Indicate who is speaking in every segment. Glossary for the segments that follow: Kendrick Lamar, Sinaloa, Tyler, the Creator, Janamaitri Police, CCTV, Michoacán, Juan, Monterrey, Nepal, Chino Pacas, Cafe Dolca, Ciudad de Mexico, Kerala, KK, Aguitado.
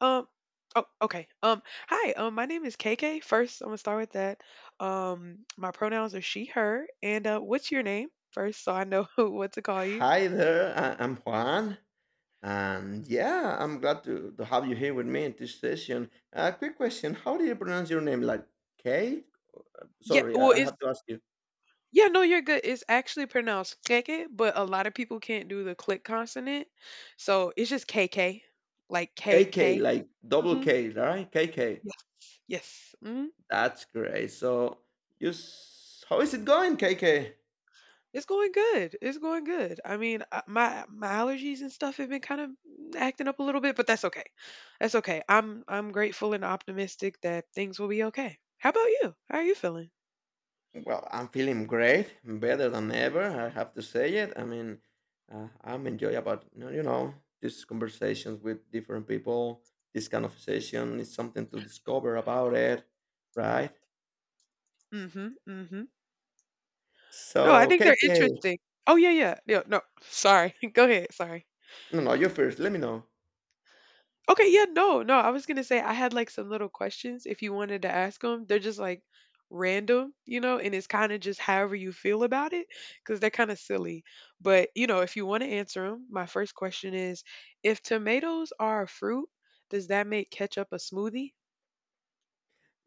Speaker 1: Um. Oh, okay. Hi. My name is KK. First, I'm gonna start with that. My pronouns are she, her, and what's your name? First, so I know what to call you.
Speaker 2: Hi there, I'm Juan, and yeah, I'm glad to have you here with me in this session. A quick question: how do you pronounce your name? Like Kate?
Speaker 1: Yeah.
Speaker 2: Sorry,
Speaker 1: Well,
Speaker 2: I
Speaker 1: it's
Speaker 2: have to ask you.
Speaker 1: yeah. No, you're good. It's actually pronounced KK, but a lot of people can't do the click consonant, so it's just KK, like
Speaker 2: KK,
Speaker 1: KK.
Speaker 2: like double
Speaker 1: Mm-hmm.
Speaker 2: K, right? KK.
Speaker 1: Yes. Yes. Mm-hmm.
Speaker 2: That's great. So, how is it going, KK?
Speaker 1: It's going good. It's going good. I mean, my allergies and stuff have been kind of acting up a little bit, but that's okay. That's okay. I'm grateful and optimistic that things will be okay. How about you? How are you feeling?
Speaker 2: Well, I'm feeling great, better than ever. I have to say it. I mean, I'm enjoy about these conversations with different people. This kind of session is something to discover about it, right?
Speaker 1: Mhm. Mhm. No, I
Speaker 2: So,
Speaker 1: think they're
Speaker 2: KK,
Speaker 1: interesting. Oh yeah, no. Sorry. Go ahead. Sorry.
Speaker 2: no, no, you first. Let me know.
Speaker 1: Okay, yeah, no, no. I was gonna say I had like some little questions if you wanted to ask them. They're just like random, you know, and it's kind of just however you feel about it because they're kind of silly. But you know, if you want to answer them, my first question is: if tomatoes are a fruit, does that make ketchup a smoothie?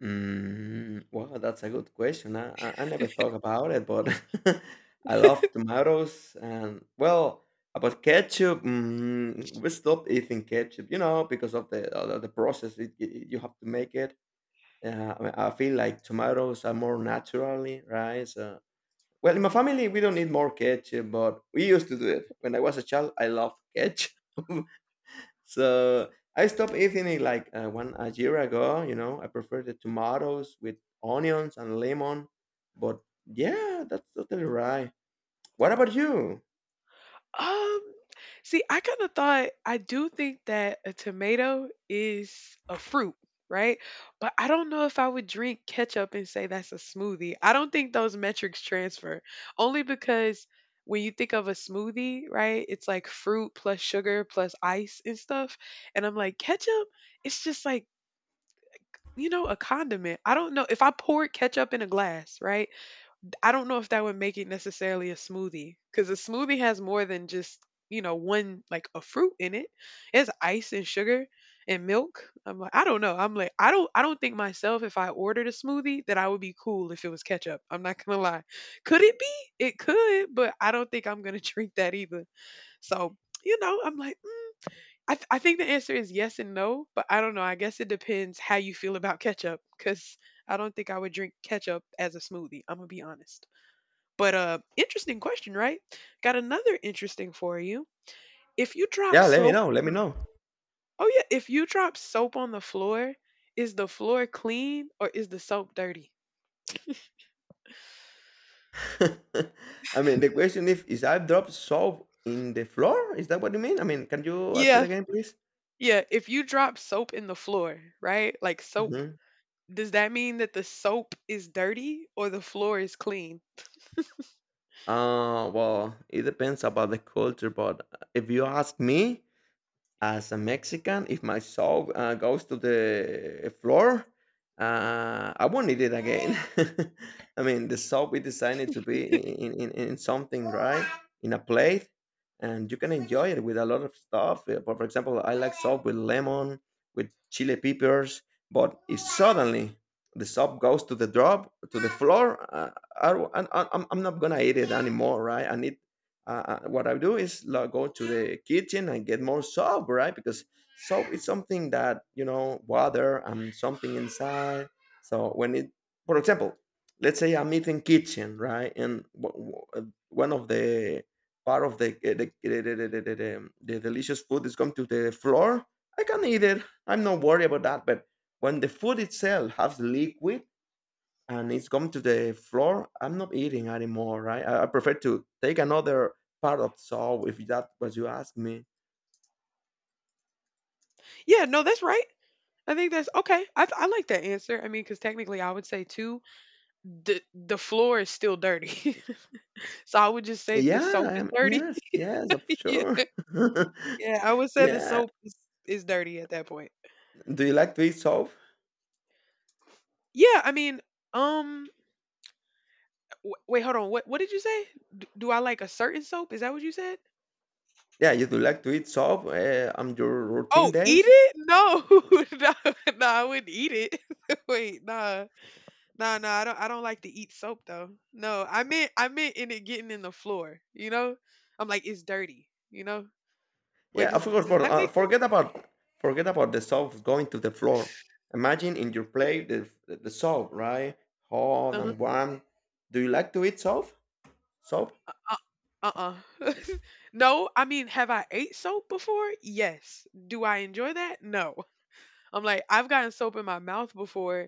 Speaker 2: Mm, wow, that's a good question. I never thought about it, but I love tomatoes. And well, about ketchup, we stopped eating ketchup, you know, because of the process you have to make it. I mean, I feel like tomatoes are more naturally, right? So, well, in my family, we don't need more ketchup, but we used to do it. When I was a child, I loved ketchup. So I stopped eating it like one a year ago. You know, I prefer the tomatoes with onions and lemon. But yeah, that's totally right. What about you?
Speaker 1: Um, see, I kind of thought I do think that a tomato is a fruit, right? But I don't know if I would drink ketchup and say that's a smoothie. I don't think those metrics transfer. Only because when you think of a smoothie, right, it's like fruit plus sugar plus ice and stuff. And I'm like, ketchup, it's just like, you know, a condiment. I don't know if I poured ketchup in a glass, right? I don't know if that would make it necessarily a smoothie because a smoothie has more than just, you know, one like a fruit in it. It's ice and sugar and milk. I'm like, I don't know. I'm like, I don't think myself if I ordered a smoothie that I would be cool if it was ketchup. I'm not gonna lie. Could it be? It could, but I don't think I'm gonna drink that either. So you know, I'm like, I think the answer is yes and no, but I don't know. I guess it depends how you feel about ketchup because I don't think I would drink ketchup as a smoothie. I'm going to be honest. But interesting question, right? Got another interesting for you. If you drop
Speaker 2: Yeah, let me
Speaker 1: soap,
Speaker 2: know.
Speaker 1: on
Speaker 2: Let me
Speaker 1: the-
Speaker 2: know.
Speaker 1: Oh yeah, if you drop soap on the floor, is the floor clean or is the soap dirty?
Speaker 2: I mean, the question if is I dropped soap in the floor? Is that what you mean? I mean, can you ask it
Speaker 1: Yeah,
Speaker 2: again, please?
Speaker 1: yeah. If you drop soap in the floor, right? Like soap,
Speaker 2: Mm-hmm.
Speaker 1: does that mean that the soap is dirty or the floor is clean?
Speaker 2: Well, it depends about the culture, but if you ask me, as a Mexican, if my soul, goes to the floor, I won't eat it again. I mean, the soul we designed it to be in, in something, right? In a plate, and you can enjoy it with a lot of stuff. For example, I like soap with lemon, with chili peppers. But if suddenly the soap goes to the drop, to the floor, I'm not gonna eat it anymore, right? I need what I do is like, go to the kitchen and get more soap, right? Because soap is something that you know water and something inside. So when it, for example, let's say I'm eating kitchen, right, and one of the part of the the delicious food is going to the floor. I can eat it. I'm not worried about that. But when the food itself has liquid, and it's come to the floor, I'm not eating anymore, right? I prefer to take another part of salt if that was you ask me.
Speaker 1: Yeah, no, that's right. I think that's okay. I like that answer. I mean, because technically, I would say too, the floor is still dirty, so I would just say the
Speaker 2: Yeah,
Speaker 1: soap
Speaker 2: I
Speaker 1: is
Speaker 2: am,
Speaker 1: dirty.
Speaker 2: yes, yes, I'm sure.
Speaker 1: Yeah, I would say
Speaker 2: Yeah.
Speaker 1: is dirty at that point.
Speaker 2: Do you like to eat soap?
Speaker 1: Yeah, I mean, um, wait, hold on. What did you say? Do I like a certain soap? Is that what you said?
Speaker 2: Yeah, you do like to eat soap on your routine
Speaker 1: Oh, eat
Speaker 2: days?
Speaker 1: it? No, no, I wouldn't eat it. Wait, nah. I don't like to eat soap though. No, I meant in it getting in the floor. You know, I'm like it's dirty. You know. Wait,
Speaker 2: Yeah,
Speaker 1: does
Speaker 2: of course.
Speaker 1: does
Speaker 2: But
Speaker 1: that make sense?
Speaker 2: forget about the soap going to the floor. Imagine in your plate the soap, right? Hot
Speaker 1: Uh-huh.
Speaker 2: and warm. Do you like to eat soap? Soap?
Speaker 1: Uh uh uh. No, I mean, have I ate soap before? Yes. Do I enjoy that? No. I'm like, I've gotten soap in my mouth before,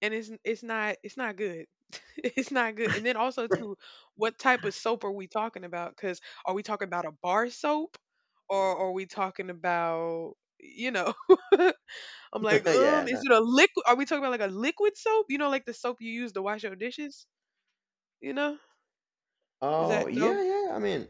Speaker 1: and it's not good. It's not good. And then also too, what type of soap are we talking about? Because are we talking about a bar soap, or are we talking about, you know? I'm like,
Speaker 2: Yeah,
Speaker 1: is
Speaker 2: no.
Speaker 1: it a liquid? Are we talking about like a liquid soap? You know, like the soap you use to wash your dishes. You know, is
Speaker 2: Oh
Speaker 1: that no?
Speaker 2: yeah, yeah. I mean,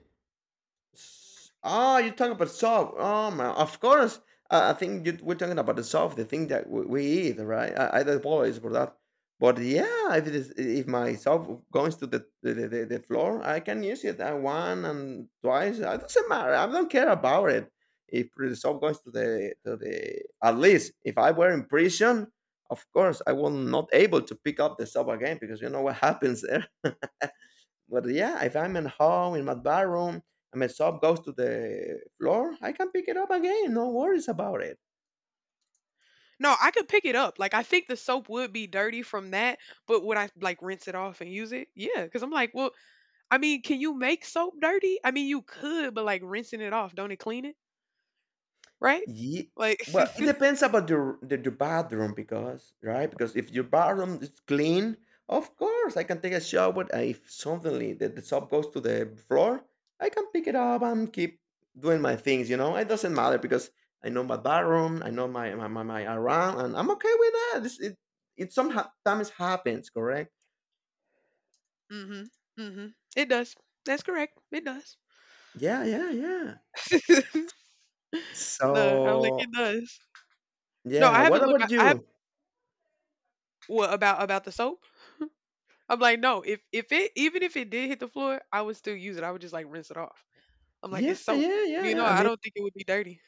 Speaker 2: ah, you're talking about soft. Oh man, of course. I think you, we're talking about the soft, the thing that we eat, right? I apologize for that, but yeah, if it is, if my soft goes to the the floor, I can use it one and twice. It doesn't matter. I don't care about it. If the soft goes to the at least if I were in prison, of course I will not able to pick up the soft again because you know what happens there. But yeah, if I'm at home in my bathroom and my soap goes to the floor, I can pick it up again. No worries about it.
Speaker 1: No, I could pick it up. Like I think the soap would be dirty from that, but would I like rinse it off and use it? Yeah, because I'm like, well, I mean, can you make soap dirty? I mean, you could, but like rinsing it off, don't it clean it? Right?
Speaker 2: Ye
Speaker 1: Like,
Speaker 2: Well, it depends about your bathroom because right because if your bathroom is clean, of course I can take a shower. But if suddenly the soap goes to the floor, I can pick it up and keep doing my things. You know, it doesn't matter because I know my bathroom, I know my around, and I'm okay with that. This, it sometimes happens, correct?
Speaker 1: mm-hmm, mm-hmm. It does. That's correct. It does.
Speaker 2: Yeah, yeah, yeah.
Speaker 1: No, I'm like
Speaker 2: So,
Speaker 1: it does. No,
Speaker 2: yeah,
Speaker 1: I
Speaker 2: what
Speaker 1: haven't looked.
Speaker 2: about
Speaker 1: I have
Speaker 2: you?
Speaker 1: what about the soap? I'm like, no. If it even if it did hit the floor, I would still use it. I would just like rinse it off. I'm like,
Speaker 2: Yeah,
Speaker 1: it's soap.
Speaker 2: yeah, yeah,
Speaker 1: You know,
Speaker 2: yeah. I
Speaker 1: I
Speaker 2: mean,
Speaker 1: don't think it would be dirty.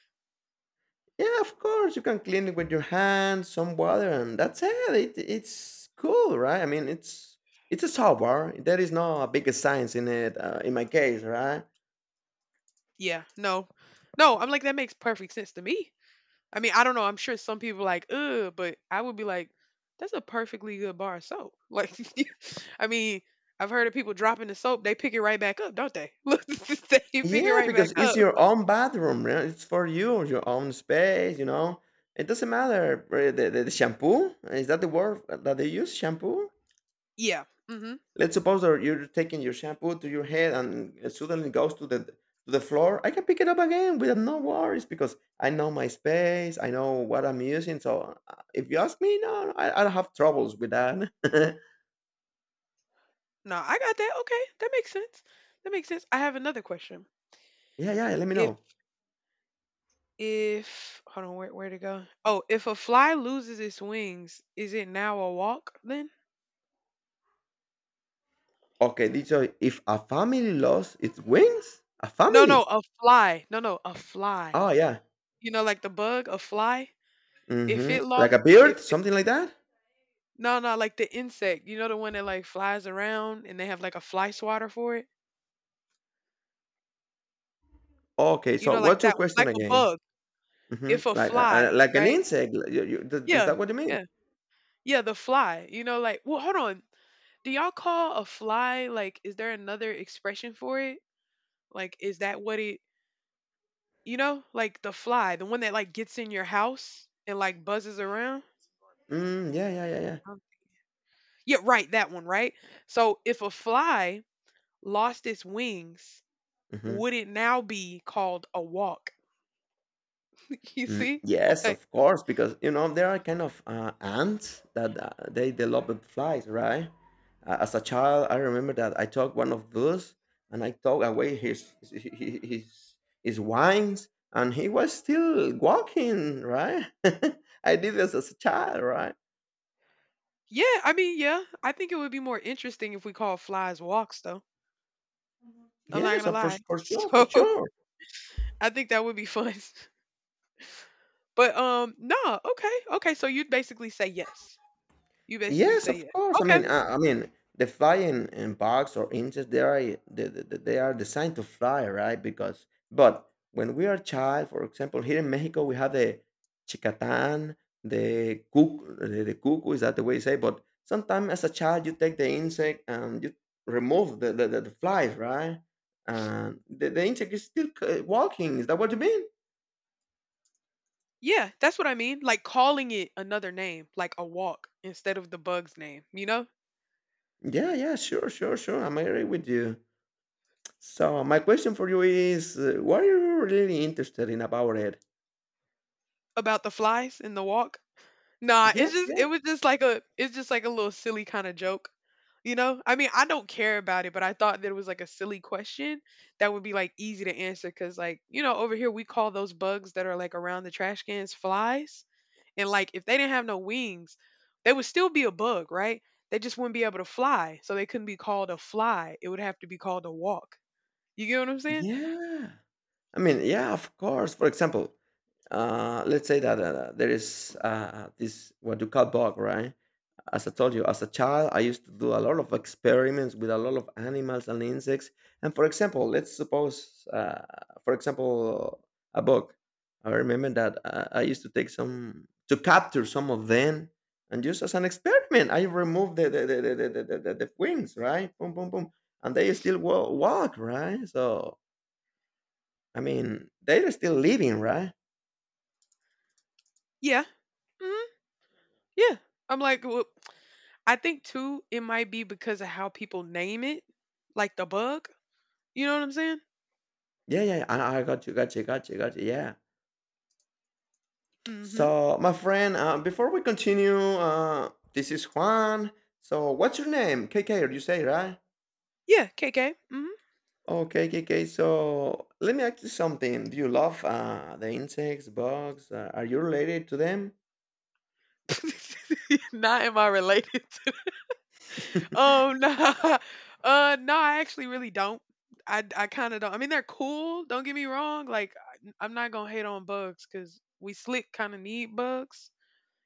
Speaker 2: yeah, of course, you can clean it with your hands, some water, and that's it. It it's cool, right? I mean, it's a soap bar. There is no big science in it, in my case, right?
Speaker 1: Yeah. No. No. I'm like, that makes perfect sense to me. I mean, I don't know. I'm sure some people are like, ugh, but I would be like, that's a perfectly good bar of soap. Like, I mean, I've heard of people dropping the soap, they pick it right back up, don't they? Look, they pick it
Speaker 2: Yeah,
Speaker 1: right back
Speaker 2: because it's
Speaker 1: up.
Speaker 2: your own bathroom, right? It's for you, your own space, you know. It doesn't matter. The shampoo, is that the word that they use, shampoo?
Speaker 1: Yeah. Mm-hmm.
Speaker 2: Let's suppose that you're taking your shampoo to your head and it suddenly goes to the floor. I can pick it up again with no worries because I know my space. I know what I'm using. So if you ask me, no, no, I don't have troubles with that.
Speaker 1: No, I got that. Okay, that makes sense. That makes sense. I have another question.
Speaker 2: Yeah, yeah. Let me
Speaker 1: If
Speaker 2: know.
Speaker 1: if Hold on, where to go? Oh, if a fly loses its wings, is it now a walk then?
Speaker 2: Okay, did if a family lost its wings, a
Speaker 1: No, no,
Speaker 2: family.
Speaker 1: a fly. No, no, a fly.
Speaker 2: Oh yeah.
Speaker 1: You know, like the bug, a fly. If
Speaker 2: Hmm.
Speaker 1: it
Speaker 2: Like
Speaker 1: lost,
Speaker 2: a
Speaker 1: if
Speaker 2: bird,
Speaker 1: it
Speaker 2: something like that.
Speaker 1: No, no, like the insect. You know the one that like flies around and they have like a fly swatter for it?
Speaker 2: Okay,
Speaker 1: You
Speaker 2: so
Speaker 1: know, like
Speaker 2: what's your
Speaker 1: that one,
Speaker 2: question
Speaker 1: like a
Speaker 2: again?
Speaker 1: bug.
Speaker 2: Hmm.
Speaker 1: If a fly,
Speaker 2: Like an
Speaker 1: right?
Speaker 2: insect? Is
Speaker 1: Yeah,
Speaker 2: that what you mean?
Speaker 1: yeah, yeah, the fly. You know, like, well, hold on. Do y'all call a fly, like, is there another expression for it? Like, is that what it, you know, like the fly, the one that like gets in your house and like buzzes around?
Speaker 2: Mm, yeah, yeah, yeah, yeah.
Speaker 1: Um, Yeah, right, that one, right? So if a fly lost its wings,
Speaker 2: Mm-hmm.
Speaker 1: would it now be called a walk? You
Speaker 2: Mm,
Speaker 1: see?
Speaker 2: yes,
Speaker 1: Like,
Speaker 2: of course, because you know there are kind of ants that they develop with flies, right? As a child, I remember that I took one of those and I took away his, his wines, and he was still walking, right? I did this as a child, right?
Speaker 1: yeah, I mean, yeah. I think it would be more interesting if we call flies walks, though. I'm not
Speaker 2: Yes,
Speaker 1: gonna
Speaker 2: for
Speaker 1: lie.
Speaker 2: sure, for
Speaker 1: So
Speaker 2: sure.
Speaker 1: I think that would be fun. But no, okay, okay. So you'd basically say yes. You basically
Speaker 2: Yes,
Speaker 1: say
Speaker 2: of
Speaker 1: yes.
Speaker 2: course.
Speaker 1: Okay,
Speaker 2: I mean, the flying in bugs or insects, they are designed to fly, right? Because but when we are child, for example, here in Mexico, we have the chicatán, the cuc, the cuckoo. Is that the way you say? But sometimes as a child, you take the insect and you remove the flies, right? And the insect is still walking. Is that what you mean?
Speaker 1: yeah, that's what I mean. Like calling it another name, like a walk instead of the bug's name. You know
Speaker 2: Yeah, yeah, sure, sure, sure. I'm agree with you. So my question for you is, why are you really interested in about it?
Speaker 1: about the flies in the walk. Nah,
Speaker 2: Yeah, yeah,
Speaker 1: it was just like a it's just like a little silly kind of joke. You know? I mean, I don't care about it, but I thought that it was like a silly question that would be like easy to answer cuz like, you know, over here we call those bugs that are like around the trash cans flies, and like if they didn't have no wings, they would still be a bug, right? They just wouldn't be able to fly, so they couldn't be called a fly. It would have to be called a walk. You get what I'm saying?
Speaker 2: yeah. I mean, yeah, of course. For example, let's say that there is this what you call bug, right? As I told you, as a child, I used to do a lot of experiments with a lot of animals and insects. And for example, let's suppose, for example, a bug. I remember that I used to take some to capture some of them, and just as an experiment, I removed the wings, right? Boom, boom, boom, and they still walk, right? So I mean, they're still living, right?
Speaker 1: Yeah. Hmm. Yeah. I'm like, I think too, it might be because of how people name it, like the bug. You know what I'm saying?
Speaker 2: Yeah, yeah, yeah. I got you, got you, got you, got you. Yeah.
Speaker 1: Mm-hmm.
Speaker 2: So, my friend, before we continue, this is Juan. So, what's your name? K. or you say, right?
Speaker 1: Yeah, KK. Mm-hmm.
Speaker 2: Okay, K. K. So, let me ask you something. Do you love the insects, bugs? Are you related to them?
Speaker 1: Not am I related to? Oh no, no, I actually really don't. I kind of don't. I mean, they're cool. Don't get me wrong. Like, I'm not gonna hate on bugs because we slick kind of need bugs.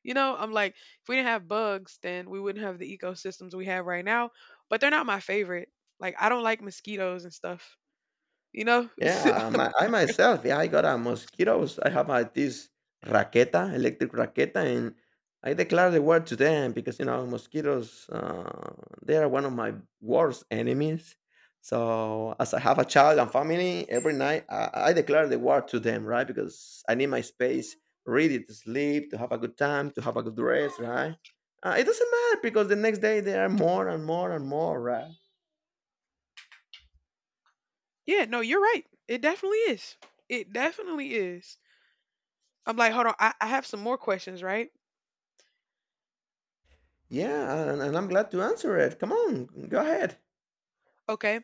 Speaker 1: You know, I'm like, if we didn't have bugs, then we wouldn't have the ecosystems we have right now. But they're not my favorite. Like, I don't like mosquitoes and stuff. You know,
Speaker 2: Yeah, my I myself, yeah, I got a mosquitoes. I have a, this raqueta, electric raqueta, and I declare the war to them because you know mosquitoes, they are one of my worst enemies. So as I have a child and family, every night I declare the war to them, right? Because I need my space, really, to sleep, to have a good time, to have a good rest, right? It doesn't matter because the next day there are more and more and more, right?
Speaker 1: Yeah, no, you're right. It definitely is. It definitely is. I'm like, hold on, I have some more questions, right?
Speaker 2: Yeah, and I'm glad to answer it. Come on, go ahead.
Speaker 1: Okay,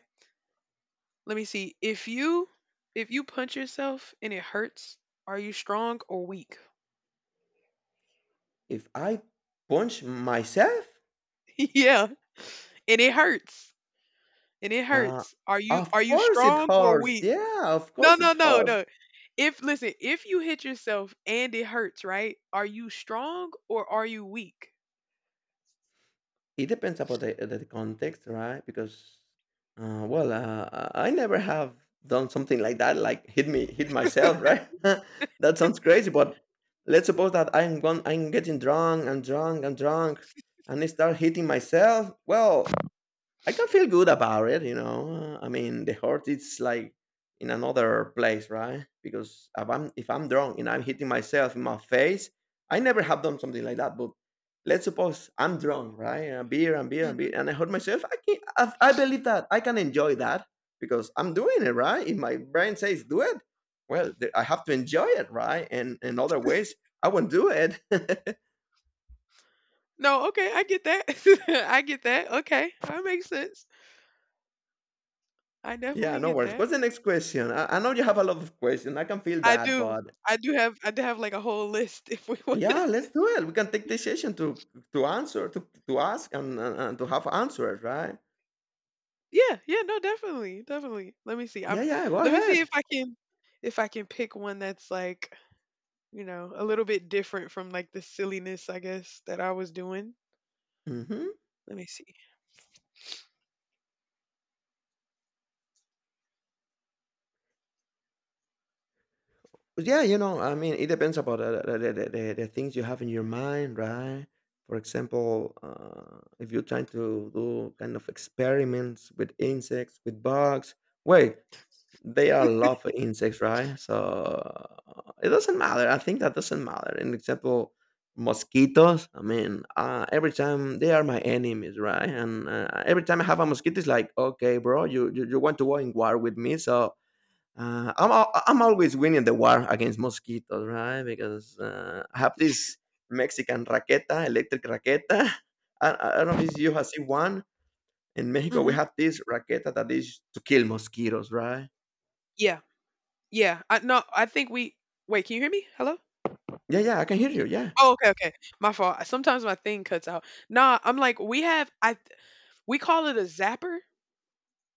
Speaker 1: let me see. If you punch yourself and it hurts, are you strong or weak?
Speaker 2: If I punch myself?
Speaker 1: Yeah, and it hurts. And it
Speaker 2: Uh,
Speaker 1: hurts.
Speaker 2: of
Speaker 1: Are you
Speaker 2: course it
Speaker 1: strong or
Speaker 2: hurts.
Speaker 1: weak?
Speaker 2: Yeah, of
Speaker 1: No,
Speaker 2: course
Speaker 1: no,
Speaker 2: it
Speaker 1: no,
Speaker 2: hurts.
Speaker 1: no. If Listen, if you hit yourself and it hurts, right? Are you strong or are you weak?
Speaker 2: It depends about the context, right? Because, well, I never have done something like that, like hit me, hit myself, right? That sounds crazy, but let's suppose that I'm going, I'm drunk, and I start hitting myself. Well, I can feel good about it, you know. I mean, the heart is like in another place, right? Because if I'm drunk and I'm hitting myself in my face, I never have done something like that. But let's suppose I'm drunk, right? And beer and beer and beer,
Speaker 1: Mhm.
Speaker 2: and I hurt myself. I believe that I can enjoy that because I'm doing it, right? If my brain says do it, well, I have to enjoy it, right? And in other ways, I won't do it.
Speaker 1: No, okay, I get that. I get that. Okay, that makes sense. I
Speaker 2: Yeah,
Speaker 1: definitely
Speaker 2: no
Speaker 1: get
Speaker 2: worries.
Speaker 1: that.
Speaker 2: What's the next question? I know you have a lot of questions. I can feel
Speaker 1: I
Speaker 2: that,
Speaker 1: do.
Speaker 2: but
Speaker 1: I do have like a whole list if we want to.
Speaker 2: yeah, let's do it. We can take this session to to ask and to have answers, right?
Speaker 1: Yeah, yeah, no, definitely, definitely. Let me see.
Speaker 2: Yeah,
Speaker 1: I'm
Speaker 2: yeah. Go
Speaker 1: Let me see if
Speaker 2: ahead.
Speaker 1: I can pick one that's like, you know, a little bit different from like the silliness, I guess, that I was doing.
Speaker 2: Hmm.
Speaker 1: Let me see.
Speaker 2: Yeah, you know, I mean, it depends about the things you have in your mind, right? For example, if you're trying to do kind of experiments with insects, with bugs, wait, they all love insects, right? So it doesn't matter. I think that doesn't matter. An example, mosquitoes. I mean, every time they are my enemies, right? And every time I have a mosquito, it's like, okay, bro, you want to go in war with me? So I'm always winning the war against mosquitoes, right? Because I have this Mexican raqueta, electric raqueta. I don't know if you have seen one in Mexico. We
Speaker 1: Mhm.
Speaker 2: have this raqueta that is to kill mosquitoes, right?
Speaker 1: Yeah. Yeah. I No, I think we, wait, can you hear me? Hello?
Speaker 2: Yeah, yeah, I can hear
Speaker 1: Can-
Speaker 2: you. Yeah,
Speaker 1: Oh, okay, okay. My fault. Sometimes my thing cuts out. Nah, I'm like we have we call it a zapper.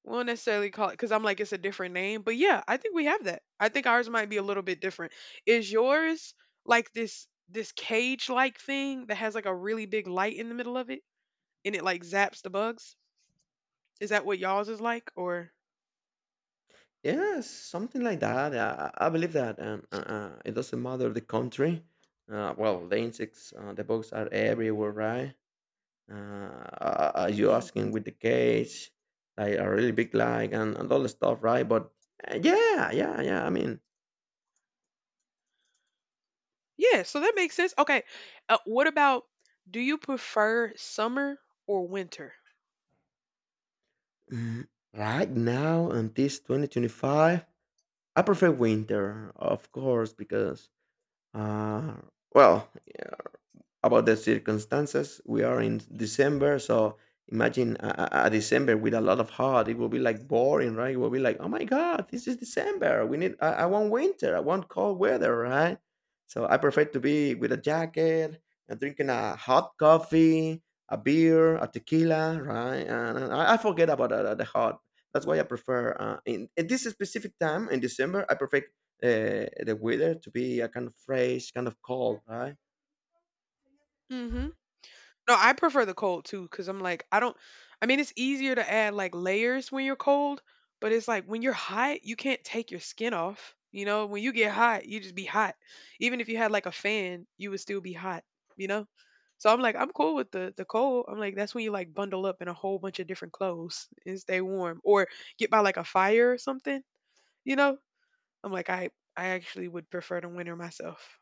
Speaker 1: We won't necessarily call it because I'm like it's a different name, but yeah, I think we have that. I think ours might be a little bit different. Is yours like this cage like thing that has like a really big light in the middle of it and it like zaps the bugs? Is that what y'all's is like or?
Speaker 2: yeah, something like that. I believe that it doesn't matter the country. Well, the insects, the bugs are everywhere, right? Are you
Speaker 1: Mhm.
Speaker 2: asking with the cage, like a really big leg and all the stuff, right? But yeah. I mean,
Speaker 1: Yeah, so that makes sense. Okay, what about do you prefer summer or winter?
Speaker 2: mm, right now in this 2025, I prefer winter, of course, because uh, well, about the circumstances. We are in December, so imagine a December with a lot of hot. It will be like boring, right? It will be like, oh my god, this is December. We need. I want winter. I want cold weather, right? So I prefer to be with a jacket and drinking a hot coffee, a beer, a tequila, right? And I forget about the hot. That's why I prefer in this specific time in December. I prefer the weather to be a kind of fresh, kind of cold, right?
Speaker 1: hmm No, I prefer the cold too, because I'm like, I don't, I mean, it's easier to add like layers when you're cold, but it's like when you're hot, you can't take your skin off. You know, when you get hot, you just be hot. Even if you had like a fan, you would still be hot, you know? So I'm like, I'm cool with the cold. I'm like, that's when you like bundle up in a whole bunch of different clothes and stay warm or get by like a fire or something, you know? I'm like, I actually would prefer the winter myself.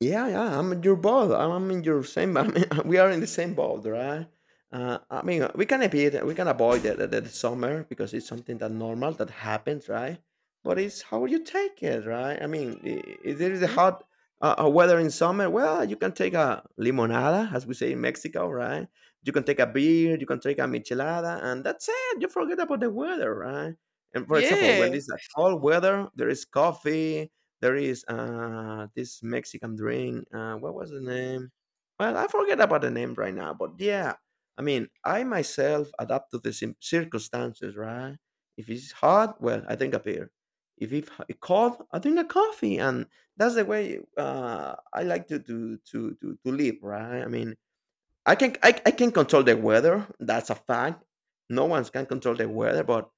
Speaker 2: Yeah, yeah, I'm in your boat. I'm in your same. I mean, we are in the same boat, right? I mean, we can avoid the summer because it's something that normal that happens, right? But it's how you take it, right? I mean, if there is a
Speaker 1: hmm
Speaker 2: hot weather in summer, well, you can take a limonada, as we say in Mexico, right? You can take a beer, you can take a michelada, and that's it. You forget about the weather, right? And for example,
Speaker 1: Yeah.
Speaker 2: when it's a cold weather, there is coffee, there is this Mexican drink. What was the name? Well, I forget about the name right now. But yeah, I mean, I myself adapt to the circumstances, right? If it's hot, well, I drink a beer. If it's cold, I drink a coffee, and that's the way I like to live, right? I mean, I can control the weather. That's a fact. No one can control the weather, but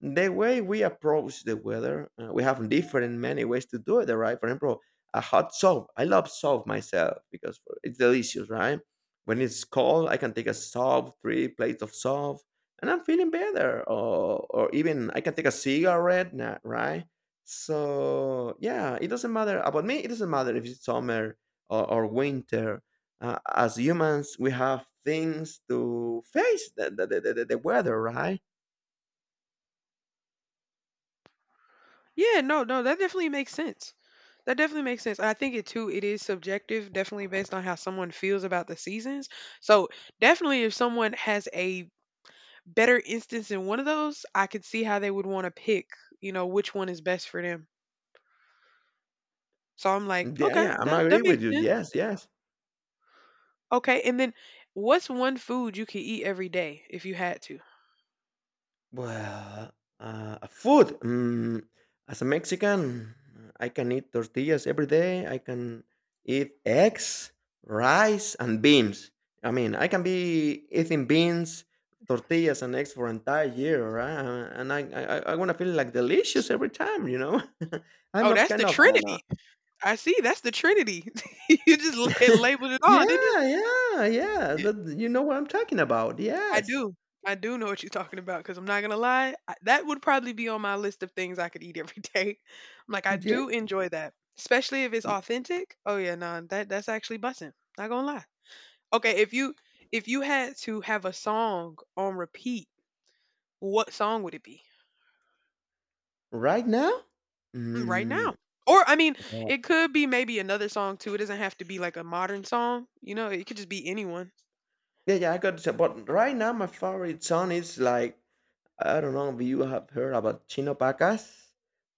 Speaker 2: the way we approach the weather, we have different many ways to do it. Right? For example, a hot soap. I love soap myself because it's delicious. Right? When it's cold, I can take a soap, three plates of soap, and I'm feeling better. Or even I can take a cigarette. Right? So yeah, it doesn't matter about me. It doesn't matter if it's summer or winter. As humans we have things to face the weather, right?
Speaker 1: Yeah, no, no, that definitely makes sense. That definitely makes sense. And I think it too, it is subjective, definitely based on how someone feels about the seasons. So, definitely, if someone has a better instance in one of those, I could see how they would want to pick, you know, which one is best for them. So, I'm like,
Speaker 2: Yeah,
Speaker 1: okay,
Speaker 2: yeah, I'm
Speaker 1: that
Speaker 2: agree with
Speaker 1: makes
Speaker 2: you,
Speaker 1: sense.
Speaker 2: yes, yes.
Speaker 1: Okay. And then, what's one food you could eat every day if you had to?
Speaker 2: Well, food, mm, as a Mexican I can eat tortillas every day. I can eat eggs, rice and beans. I mean, I can be eating beans, tortillas and eggs for entire year, right? I want to feel like delicious every time, you know. I'm
Speaker 1: Oh,
Speaker 2: not
Speaker 1: that's the
Speaker 2: kind of I,
Speaker 1: Trinity. I see. That's the Trinity. You just labeled it all, didn't you?
Speaker 2: Yeah, yeah, yeah, that you know what I'm talking about,
Speaker 1: I
Speaker 2: yes.
Speaker 1: do. I do know what you're talking about because I'm not gonna lie, I, that would probably be on my list of things I could eat every day. I'm like, I
Speaker 2: Yeah.
Speaker 1: do enjoy that, especially if it's authentic. Oh yeah, no, that's actually bussin'. Not gonna lie. Okay, if you had to have a song on repeat, what song would it be?
Speaker 2: Right now?
Speaker 1: Mm, right now.
Speaker 2: Mm,
Speaker 1: Or I mean,
Speaker 2: well,
Speaker 1: it could be maybe another song too. It doesn't have to be like a modern song. You know, it could just be anyone.
Speaker 2: yeah, yeah, I got to say, but right now, my favorite song is like, I don't know if you have heard about Chino Pacas,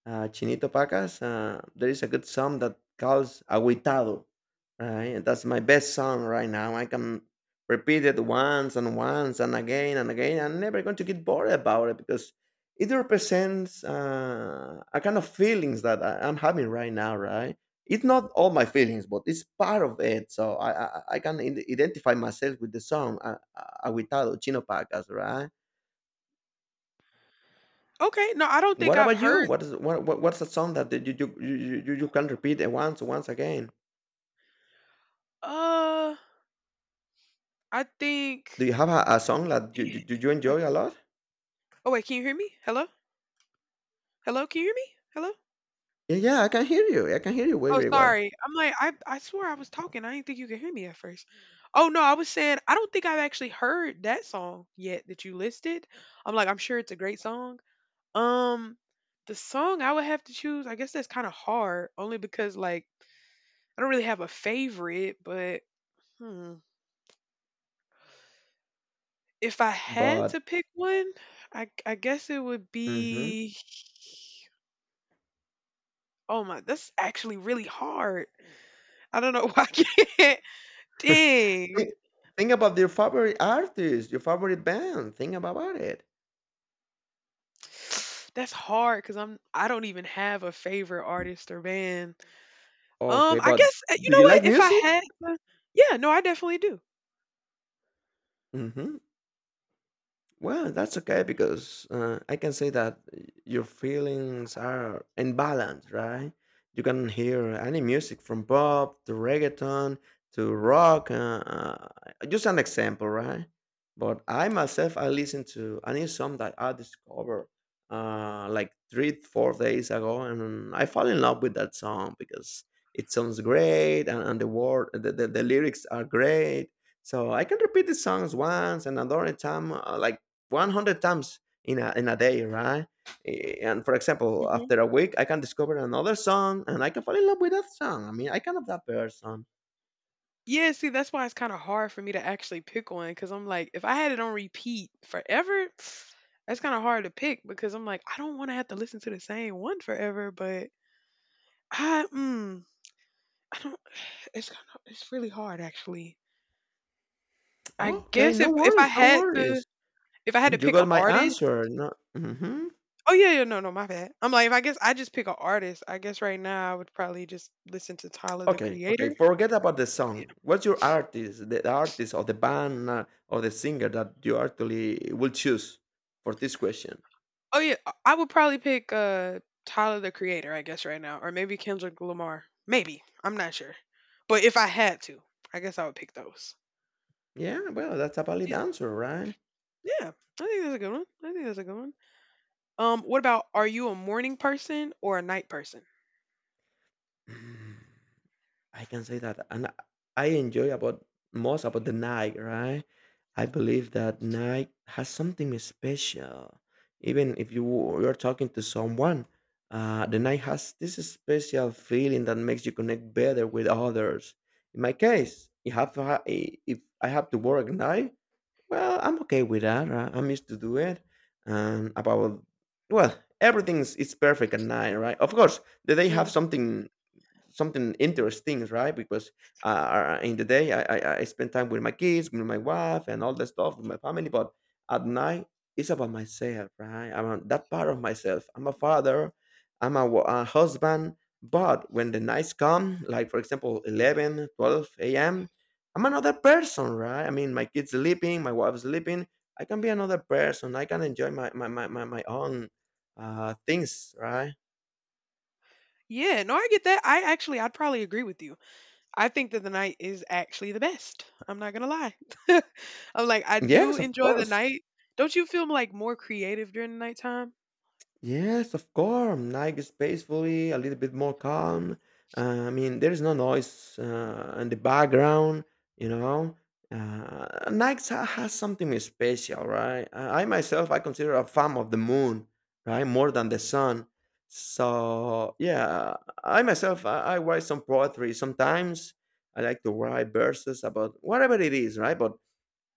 Speaker 2: Chinito Pacas. There is a good song that calls Aguitado, right? And that's my best song right now. I can repeat it once and once and again and again. I'm never going to get bored about it because it represents a kind of feelings that I'm having right now, right? It's not all my feelings, but it's part of it. So I can identify myself with the song, Aguitado, Chino Pacas, right?
Speaker 1: Okay, no, I don't think
Speaker 2: What
Speaker 1: I've
Speaker 2: about you?
Speaker 1: heard
Speaker 2: What is what's a song that you can repeat it once once again?
Speaker 1: uh, I
Speaker 2: Do you
Speaker 1: think
Speaker 2: have a song that you,
Speaker 1: eh,
Speaker 2: you you you
Speaker 1: wait.
Speaker 2: enjoy a lot?
Speaker 1: Oh, wait, can you hear me? Hello? Hello, can you hear me? Hello?
Speaker 2: Yeah, yeah, I can hear you. I can hear you very
Speaker 1: Oh,
Speaker 2: very well.
Speaker 1: sorry. I'm like, I swore I was talking. I didn't think you could hear me at first. Oh, no, I was saying I don't think I've actually heard that song yet that you listed. I'm like, I'm sure it's a great song. Um, the song I would have to choose, I guess that's kind of hard, only because like I don't really have a favorite, but hmm, if I had
Speaker 2: But
Speaker 1: to pick one, I guess it would
Speaker 2: mm-hmm.
Speaker 1: be. Oh my, that's actually really hard. I don't know why I can't. Dang,
Speaker 2: think, think about your favorite artist, your favorite band. Think about it.
Speaker 1: that's hard because I don't even have a favorite artist or band.
Speaker 2: Okay,
Speaker 1: I
Speaker 2: but
Speaker 1: guess you
Speaker 2: do
Speaker 1: know
Speaker 2: you like
Speaker 1: what? If I
Speaker 2: music?
Speaker 1: had, to- Yeah, no, I definitely do.
Speaker 2: Hmm. Well, that's okay because I can say that your feelings are in balance, right? You can hear any music from pop to reggaeton to rock. Just an example, right? But I myself, I listen to a new song that I discovered like three, 4 days ago, and I fall in love with that song because it sounds great and the word, the lyrics are great. So I can repeat the songs once and another time, like 100 times in in a day, right? And for example, after a week, I can discover another song and I can fall in love with that song. I mean, I can love that person.
Speaker 1: Yeah, see, that's why it's kinda hard for me to actually pick one because 'cause I'm like, if I had it on repeat forever, that's kinda hard to pick because I'm like, I don't wanna have to listen to the same one forever, but I mm, I don't it's kinda it's really hard actually. I
Speaker 2: Okay,
Speaker 1: guess if
Speaker 2: no
Speaker 1: if I
Speaker 2: worries, no
Speaker 1: had to
Speaker 2: worries.
Speaker 1: if I had to
Speaker 2: You
Speaker 1: pick an
Speaker 2: got my
Speaker 1: artist.
Speaker 2: answer. No. Hmm.
Speaker 1: Oh yeah, yeah, no, no, my bad. I'm like, if I guess I just pick an artist, I guess right now I would probably just listen to Tyler, the
Speaker 2: Okay,
Speaker 1: Creator.
Speaker 2: okay. Forget about the song. What's your artist, the artist or the band or the singer that you actually will choose for this question?
Speaker 1: Oh yeah, I would probably pick Tyler the Creator, I guess right now, or maybe Kendrick Lamar. Maybe I'm not sure, but if I had to, I guess I would pick those.
Speaker 2: Yeah, well, that's a valid
Speaker 1: Yeah,
Speaker 2: answer, right?
Speaker 1: yeah. I think that's a good one. I think that's a good one. What about are you a morning person or a night person?
Speaker 2: Mm. I can say that, and I enjoy about most about the night, right? I believe that night has something special. Even if you you're talking to someone, the night has this special feeling that makes you connect better with others. In my case, you have to if I have to work at night, well, I'm okay with that. Right? I'm used to do it. And about, well, everything's it's perfect at night, right? Of course, the day have
Speaker 1: hmm
Speaker 2: something something interesting, right? Because in the day, I spend time with my kids, with my wife, and all that stuff with my family. But at night, it's about myself, right? About that part of myself. I'm a father, I'm a, a husband. But when the nights come, like for example, 11, twelve 12 a.m., I'm another person, right? I mean, my kids sleeping, my wife's sleeping. I can be another person. I can enjoy my own things, right?
Speaker 1: Yeah, no, I get that. I actually, I'd probably agree with you. I think that the night is actually the best. I'm not gonna lie. I'm like, I do
Speaker 2: Yes, of
Speaker 1: enjoy the
Speaker 2: course.
Speaker 1: night. Don't you feel like more creative during the nighttime?
Speaker 2: Yes, of course. Night it's peacefully, a little bit more calm. I mean, there is no noise in the background, you know. Nike has something special, right? I myself, I consider a fan of the moon, right, more than the sun. So yeah, I myself, I write some poetry sometimes. I like to write verses about whatever it is, right? But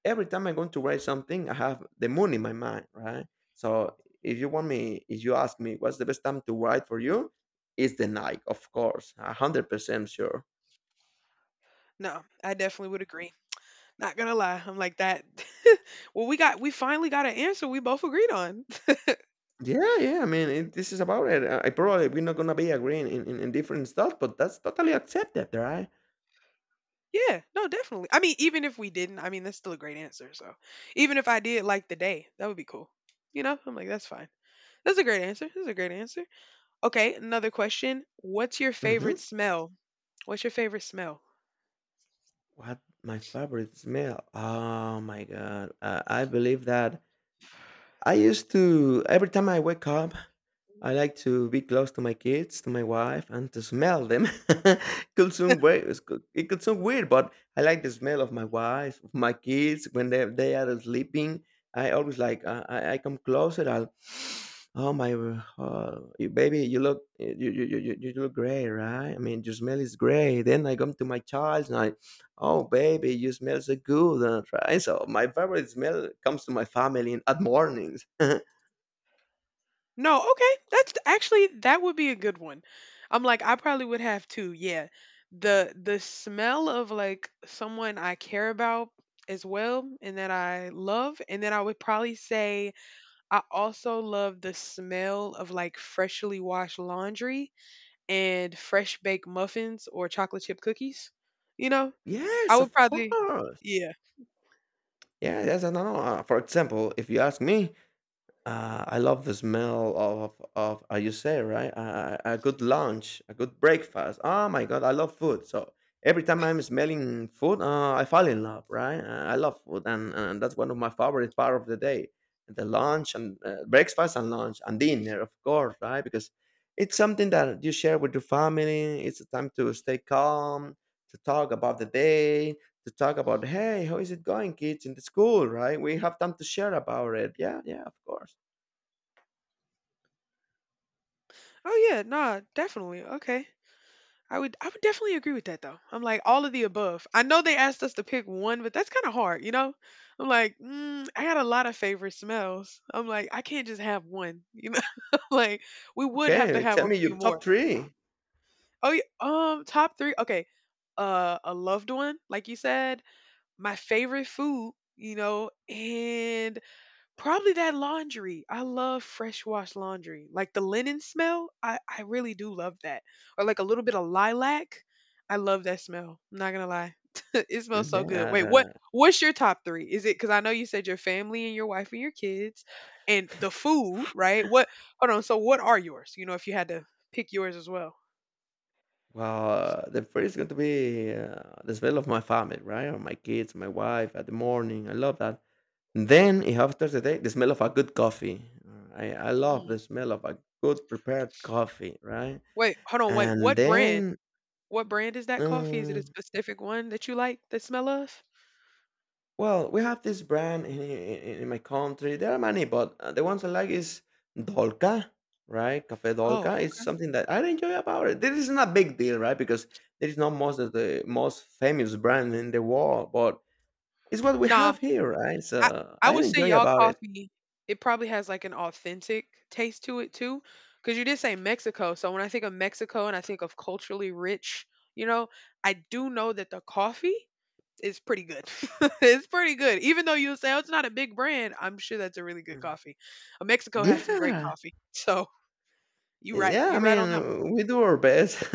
Speaker 2: every time I'm going to write something, I have the moon in my mind, right? So if you want me, if you ask me, what's the best time to write for you? It's the night, of course, 100% sure.
Speaker 1: No, I definitely would agree. Not gonna lie, I'm like that. Well, we finally got an answer we both agreed on.
Speaker 2: Yeah, yeah. I mean, it, this is about it. I probably we're not gonna be agreeing in, in different stuff, but that's totally accepted, right?
Speaker 1: Yeah, no, definitely. I mean, even if we didn't, I mean that's still a great answer. So even if I did like the day, that would be cool. You know, I'm like that's fine. That's a great answer. That's a great answer. Okay, another question. What's your favorite
Speaker 2: Mm-hmm.
Speaker 1: smell? What's your favorite smell?
Speaker 2: What my favorite smell? Oh my god! I believe that I used to every time I wake up. I like to be close to my kids, to my wife, and to smell them. Could sound weird. It could sound weird, but I like the smell of my wife, of my kids when they are sleeping. I always like I come closer. I'll oh my, baby, you look you you you you you look great, right? I mean, your smell is great. Then I come to my child and I, oh baby, you smell so good, right? So my favorite smell comes to my family at mornings.
Speaker 1: No, okay. That's actually that would be a good one. I'm like I probably would have too. Yeah. The smell of like someone I care about as well and that I love, and then I would probably say I also love the smell of like freshly washed laundry and fresh baked muffins or chocolate chip cookies. You know? I
Speaker 2: Yes,
Speaker 1: would
Speaker 2: of
Speaker 1: probably
Speaker 2: course.
Speaker 1: yeah.
Speaker 2: Yeah, yes, I don't know. Uh, for example, if you ask me, I love the smell of you say right a good lunch, a good breakfast. Oh my god, I love food. So every time I'm smelling food, I fall in love. Right, I love food, and that's one of my favorite part of the day. The lunch and breakfast and lunch and dinner, of course, right? Because it's something that you share with your family. It's a time to stay calm, to talk about the day, to talk about hey, how is it going, kids, in the school, right? We have time to share about it. Yeah, yeah, of course.
Speaker 1: Oh yeah, nah, definitely. Okay. I would definitely agree with that though. I'm like all of the above. I know they asked us to pick one, but that's kind of hard, you know? I'm like, I got a lot of favorite smells. I'm like, I can't just have one, you know? Like we would have to
Speaker 2: Okay,
Speaker 1: have
Speaker 2: tell
Speaker 1: a
Speaker 2: me
Speaker 1: few
Speaker 2: your
Speaker 1: more.
Speaker 2: top 3.
Speaker 1: Oh yeah, top 3. Okay. A loved one, like you said, my favorite food, you know, and probably that laundry. I love fresh wash laundry. Like the linen smell, I really do love that. Or like a little bit of lilac. I love that smell. I'm not gonna lie. It smells
Speaker 2: Mhm.
Speaker 1: so good. Wait, what what's your top three? Is it because I know you said your family and your wife and your kids and the food, right? What hold on, so what are yours? You know, if you had to pick yours as well.
Speaker 2: The first is going to be, the smell of my family, right? Or my kids, my wife at the morning, I love that. And then if after the day, the smell of a good coffee. I love
Speaker 1: Mm.
Speaker 2: the smell of a good prepared coffee, right?
Speaker 1: Wait, hold on, wait,
Speaker 2: And
Speaker 1: what brand?
Speaker 2: then,
Speaker 1: What brand is that coffee? Is it a
Speaker 2: mm
Speaker 1: specific one that you like the smell of?
Speaker 2: well, we have this brand in my country. There are many, but the ones I like is Dolca, right? Cafe
Speaker 1: Oh.
Speaker 2: Dolca. It's something that I enjoy about it. This is not a big deal, right? Because there is not most of the most famous brand in the world, but it's what we
Speaker 1: Nah,
Speaker 2: have here, right?
Speaker 1: I
Speaker 2: So
Speaker 1: I
Speaker 2: I
Speaker 1: would say
Speaker 2: enjoy
Speaker 1: y'all
Speaker 2: about it.
Speaker 1: coffee, it probably has, like, an authentic taste to it too, because you did say Mexico, so when I think of Mexico and I think of culturally rich, you know, I do know that the coffee is pretty good. It's pretty good. Even though you say, "Oh, it's not a big brand," I'm sure that's a really good
Speaker 2: Mm.
Speaker 1: coffee. Mexico has some great
Speaker 2: Yeah,
Speaker 1: coffee, so
Speaker 2: yeah. I
Speaker 1: you're right on that one.
Speaker 2: mean, we do our best.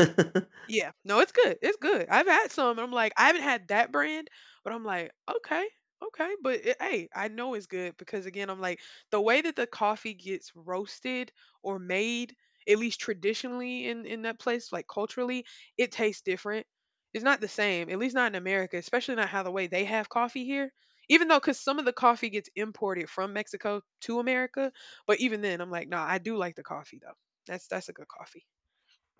Speaker 1: Yeah. No, it's good. It's good. I've had some. I'm like, I haven't had that brand, but I'm like, okay, okay. But it, hey, I know it's good because again, I'm like, the way that the coffee gets roasted or made, at least traditionally in that place, like culturally, it tastes different. It's not the same, at least not in America, especially not how the way they have coffee here. Even though, because some of the coffee gets imported from Mexico to America, but even then, I'm like, nah, I do like the coffee though. That's a good coffee.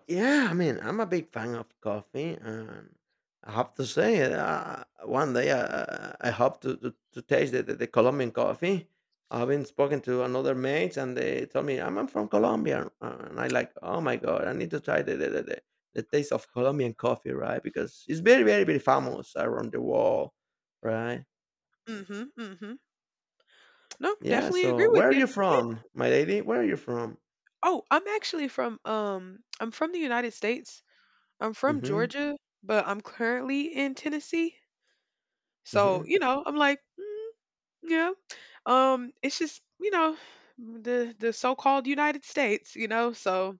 Speaker 2: Yeah, I mean, I'm a big fan of coffee, and I have to say, one day I hope to taste the Colombian coffee. I've been spoken to another mates, and they told me I'm from Colombia, and I like, oh my god, I need to try the taste of Colombian coffee, right? Because it's very, very, very famous around the world, right?
Speaker 1: Mm-hmm. Mm-hmm. No,
Speaker 2: Yeah.
Speaker 1: definitely
Speaker 2: So,
Speaker 1: agree with
Speaker 2: where are
Speaker 1: you.
Speaker 2: you
Speaker 1: Yeah.
Speaker 2: from, my lady? Where are you from?
Speaker 1: Oh, I'm actually from I'm from the United States. I'm from
Speaker 2: Mm-hmm.
Speaker 1: Georgia, but I'm currently in Tennessee. So,
Speaker 2: Mm-hmm.
Speaker 1: you know, I'm like, yeah. It's just, you know, the so-called United States, you know. So,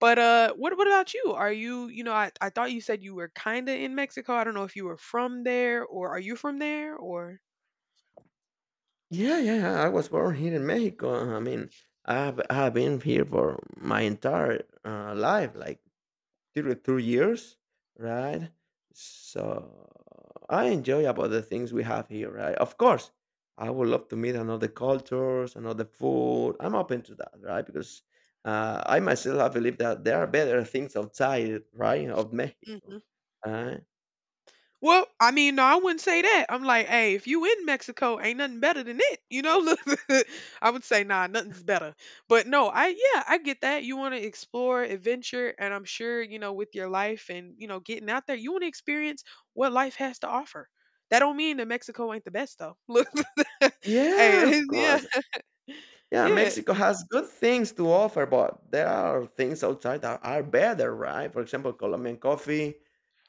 Speaker 1: but what about you? Are you, you know, I thought you said you were kind of in Mexico. I don't know if you were from there or are you from there or
Speaker 2: Yeah, I was born here in Mexico. I mean, I've been here for my entire life, like 32 years, right? So I enjoy about the things we have here, right? Of course, I would love to meet another cultures, another food. I'm open to that, right? Because I myself I believe that there are better things outside, right, of Mexico. Uh,
Speaker 1: well, I mean, no, I wouldn't say that. I'm like, hey, if you in Mexico, ain't nothing better than it. You know, look, I would say, nah, nothing's better. But no, I, yeah, I get that. You want to explore, adventure, and I'm sure, you know, with your life and, you know, getting out there, you want to experience what life has to offer. That don't mean that Mexico ain't the best, though. Look,
Speaker 2: yeah,
Speaker 1: hey,
Speaker 2: of
Speaker 1: yeah,
Speaker 2: course. Yeah,
Speaker 1: yeah.
Speaker 2: Mexico has good things to offer, but there are things outside that are better, right? For example, Colombian coffee.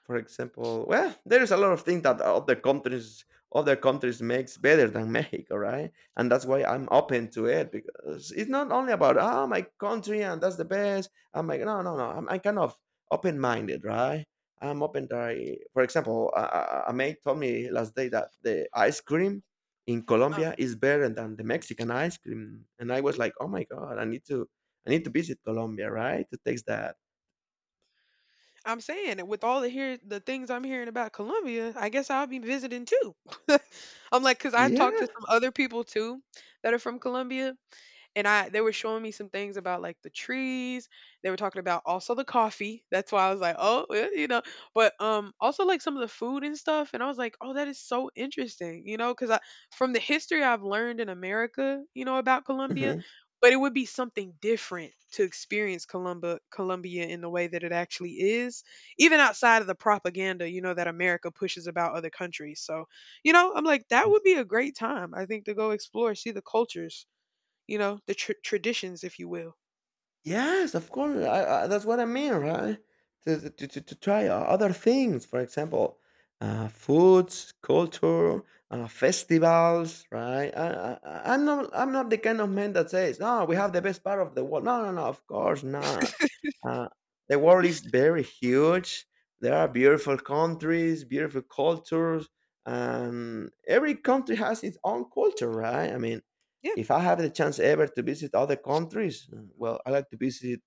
Speaker 2: For example, well, there is a lot of things that other countries makes better than Mexico, right? And that's why I'm open to it because it's not only about ah my country and that's the best. I'm like no no no. I'm kind of open minded, right? I'm open to. For example, a mate told me last day that the ice cream in
Speaker 1: Uh,
Speaker 2: Colombia is better than the Mexican ice cream. And I was like, "Oh my god, I need to visit Colombia, right, to taste that."
Speaker 1: I'm saying that with all the here the things I'm hearing about Colombia, I guess I'll be visiting too. I'm like, cause I
Speaker 2: Yeah.
Speaker 1: talked to some other people too that are from Colombia, and I they were showing me some things about like the trees. They were talking about also the coffee. That's why I was like, oh, you know, but also like some of the food and stuff. And I was like, oh, that is so interesting, you know, because I from the history I've learned in America, you know, about Colombia.
Speaker 2: Mhm.
Speaker 1: But it would be something different to experience Colombia in the way that it actually is, even outside of the propaganda, you know, that America pushes about other countries. So, you know, I'm like, that would be a great time, I think, to go explore, see the cultures, you know, the traditions, if you will.
Speaker 2: Yes, of course. That's what I mean, right? To try other things, for example, foods, culture, festivals, right? I'm not the kind of man that says, "No, we have the best part of the world." No, no, no. Of course not. Uh, the world is very huge. There are beautiful countries, beautiful cultures, and every country has its own culture, right? I mean,
Speaker 1: Yeah.
Speaker 2: if I have the chance ever to visit other countries, well, I like to visit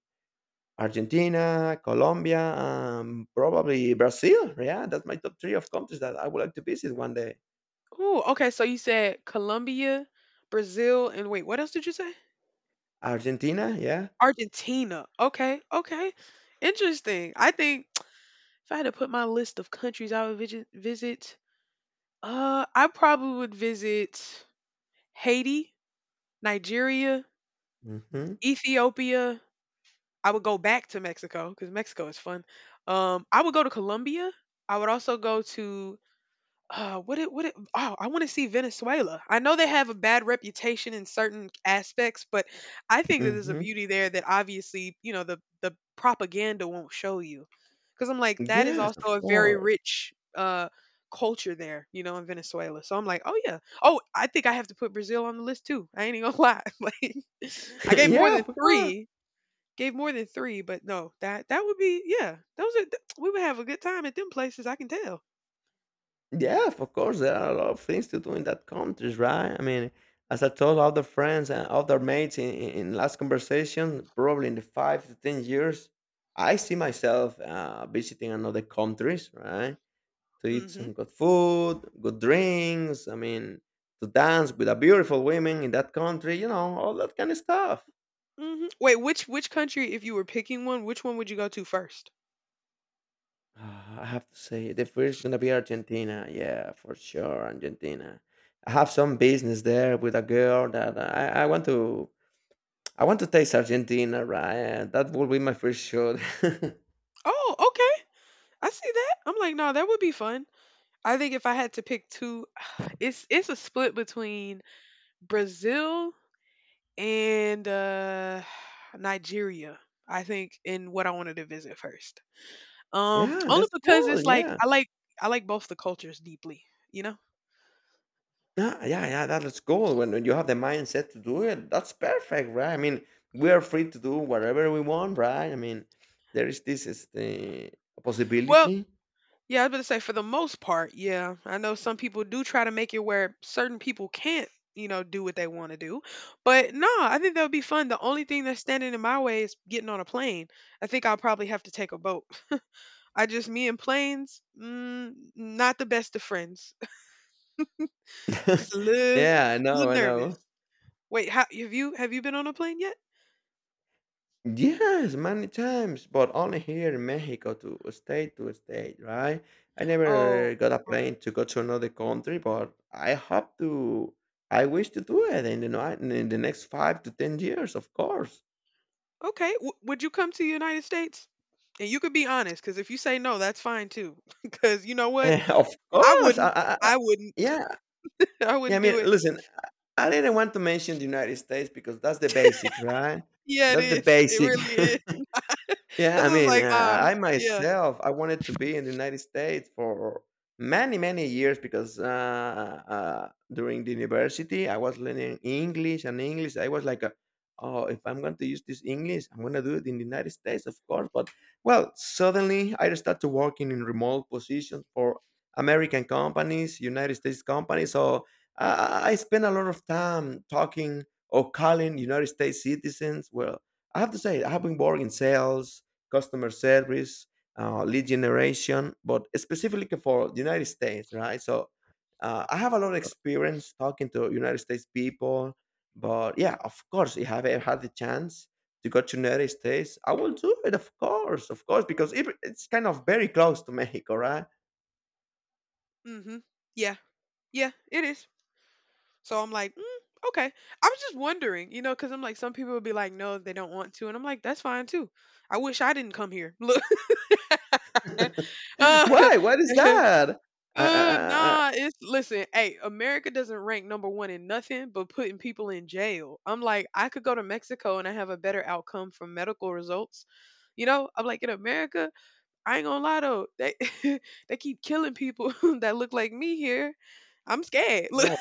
Speaker 2: Argentina, Colombia, probably Brazil. Yeah, that's my top three of countries that I would like to visit one day.
Speaker 1: Ooh, okay. So you said Colombia, Brazil, and wait, what else did you say?
Speaker 2: Argentina, yeah.
Speaker 1: Argentina. Okay. Okay. Interesting. I think if I had to put my list of countries I would visit, I probably would visit Haiti, Nigeria,
Speaker 2: hmm
Speaker 1: Ethiopia. I would go back to Mexico because Mexico is fun. I would go to Colombia. I would also go to, uh, oh, I want to see Venezuela. I know they have a bad reputation in certain aspects, but I think that there's a
Speaker 2: hmm
Speaker 1: beauty there that obviously, you know, the propaganda won't show you. Because I'm like, that is
Speaker 2: Yes,
Speaker 1: also
Speaker 2: of
Speaker 1: a very
Speaker 2: course.
Speaker 1: rich, uh, culture there, you know, in Venezuela. So I'm like, oh yeah, oh, I think I have to put Brazil on the list too. I ain't even gonna lie. Like, I gave more
Speaker 2: yeah,
Speaker 1: than
Speaker 2: of course.
Speaker 1: three, gave more than three, but no, that that would be yeah. Those are we would have a good time at them places. I can tell.
Speaker 2: Yeah, of course, there are a lot of things to do in that countries, right? I mean, as I told other friends and other mates in last conversation, probably in the 5 to 10 years, I see myself visiting another countries, right? To eat
Speaker 1: Hmm.
Speaker 2: some good food, good drinks. I mean, to dance with a beautiful women in that country, you know, all that kind of stuff.
Speaker 1: Mhm. Wait, which country, if you were picking one, which one would you go to first?
Speaker 2: Ah, I have to say the first gonna be Argentina. Yeah, for sure, Argentina. I have some business there with a girl that I want to taste Argentina, right? That will be my first shot.
Speaker 1: Oh, okay. I see that. I'm like, no, that would be fun. I think if I had to pick two, it's a split between Brazil and, uh, Nigeria, I think, in what I wanted to visit first.
Speaker 2: yeah,
Speaker 1: Only
Speaker 2: that's
Speaker 1: because
Speaker 2: cool.
Speaker 1: it's like
Speaker 2: Yeah.
Speaker 1: I like I like both the cultures deeply, you know?
Speaker 2: Yeah, that is cool. When you have the mindset to do it, that's perfect, right? I mean, we are free to do whatever we want, right? I mean, there is this is the
Speaker 1: Well,
Speaker 2: possibility.
Speaker 1: yeah, I was gonna say for the most part, yeah. I know some people do try to make it where certain people can't, you know, do what they want to do. But no, I think that would be fun. The only thing that's standing in my way is getting on a plane. I think I'll probably have to take a boat. I just me and planes, not the best of friends. Just a little,
Speaker 2: yeah, I know,
Speaker 1: little
Speaker 2: I know.
Speaker 1: nervous. Wait, how, have you been on a plane yet?
Speaker 2: Yes, many times, but only here in Mexico to state, right? I
Speaker 1: Oh,
Speaker 2: never got a
Speaker 1: ok-
Speaker 2: plane to go to another country, but I hope to, I wish to do it in the next five to 10 years, of course.
Speaker 1: okay. Would you come to the United States? And you could be honest, because if you say no, that's fine too. Because you know what?
Speaker 2: Eh, of
Speaker 1: I
Speaker 2: course.
Speaker 1: wouldn't. I wouldn't.
Speaker 2: Yeah.
Speaker 1: I
Speaker 2: Yeah. I
Speaker 1: wouldn't
Speaker 2: mean,
Speaker 1: do it.
Speaker 2: listen, I didn't want to mention the United States because that's the basics, right?
Speaker 1: Yeah, it
Speaker 2: That's the
Speaker 1: is. It
Speaker 2: basic.
Speaker 1: really is.
Speaker 2: Yeah,
Speaker 1: This
Speaker 2: I
Speaker 1: was
Speaker 2: mean,
Speaker 1: like,
Speaker 2: I
Speaker 1: yeah.
Speaker 2: myself, I wanted to be in the United States for many, many years because during the university, I was learning English and English. I was like, oh, if I'm going to use this English, I'm going to do it in the United States, of course. But, well, suddenly I started working in remote positions for American companies, United States companies. So I spent a lot of time talking or calling United States citizens. Well, I have to say, I have been working in sales, customer service, lead generation, but specifically for the United States, right? So I have a lot of experience talking to United States people, but yeah, of course, if I have ever had the chance to go to United States, I will do it, of course, because it's kind of very close to Mexico, right?
Speaker 1: Mm-hmm. Yeah. Yeah, it is. So I'm like, mm, okay. I was just wondering, you know, because I'm like, some people would be like, no, they don't want to. And I'm like, that's fine too. I wish I didn't come here. Look. Uh, uh,
Speaker 2: Why? What is that? Uh, uh, uh, uh, uh,
Speaker 1: nah, it's, listen, hey, America doesn't rank number one in nothing but putting people in jail. I'm like, I could go to Mexico and I have a better outcome from medical results. You know, I'm like, in America, I ain't gonna lie though, they they keep killing people that look like me here. I'm scared. Look,
Speaker 2: oh,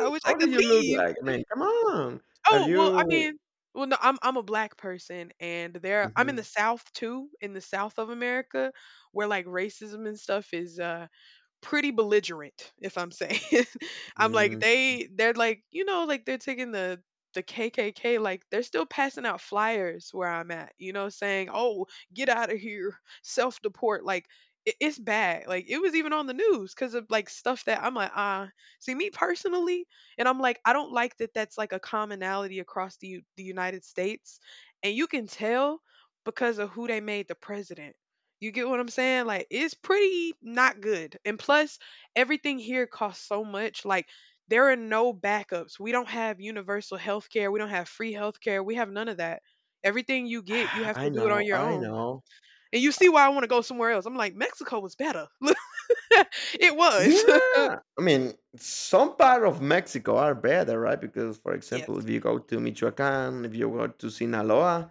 Speaker 1: I wish I
Speaker 2: How do
Speaker 1: could
Speaker 2: you look
Speaker 1: leave.
Speaker 2: like? I mean, come on. Are
Speaker 1: Oh well, I
Speaker 2: you?
Speaker 1: mean, well, no, I'm a black person, and there I'm in the
Speaker 2: Mhm,
Speaker 1: South too, in the South of America, where like racism and stuff is, uh, pretty belligerent, if I'm saying. I'm like
Speaker 2: mm.
Speaker 1: they're like, you know, like they're taking the KKK like they're still passing out flyers where I'm at, you know, saying, "Oh, get out of here. Self-deport." Like it's bad. Like it was even on the news cuz of like stuff that I'm like, "Ah, see me personally." And I'm like, I don't like that that's like a commonality across the the United States. And you can tell because of who they made the president. You get what I'm saying? Like it's pretty not good. And plus everything here costs so much. Like there are no backups. We don't have universal health care. We don't have free health care. We have none of that. Everything you get, you have to
Speaker 2: I
Speaker 1: do it on
Speaker 2: know,
Speaker 1: your
Speaker 2: I
Speaker 1: own.
Speaker 2: know.
Speaker 1: And you see why I want to go somewhere else. I'm like, Mexico was better. It
Speaker 2: Yeah,
Speaker 1: was.
Speaker 2: I mean, some part of Mexico are better, right? Because, for example,
Speaker 1: Yes.
Speaker 2: if you go to Michoacan, if you go to Sinaloa,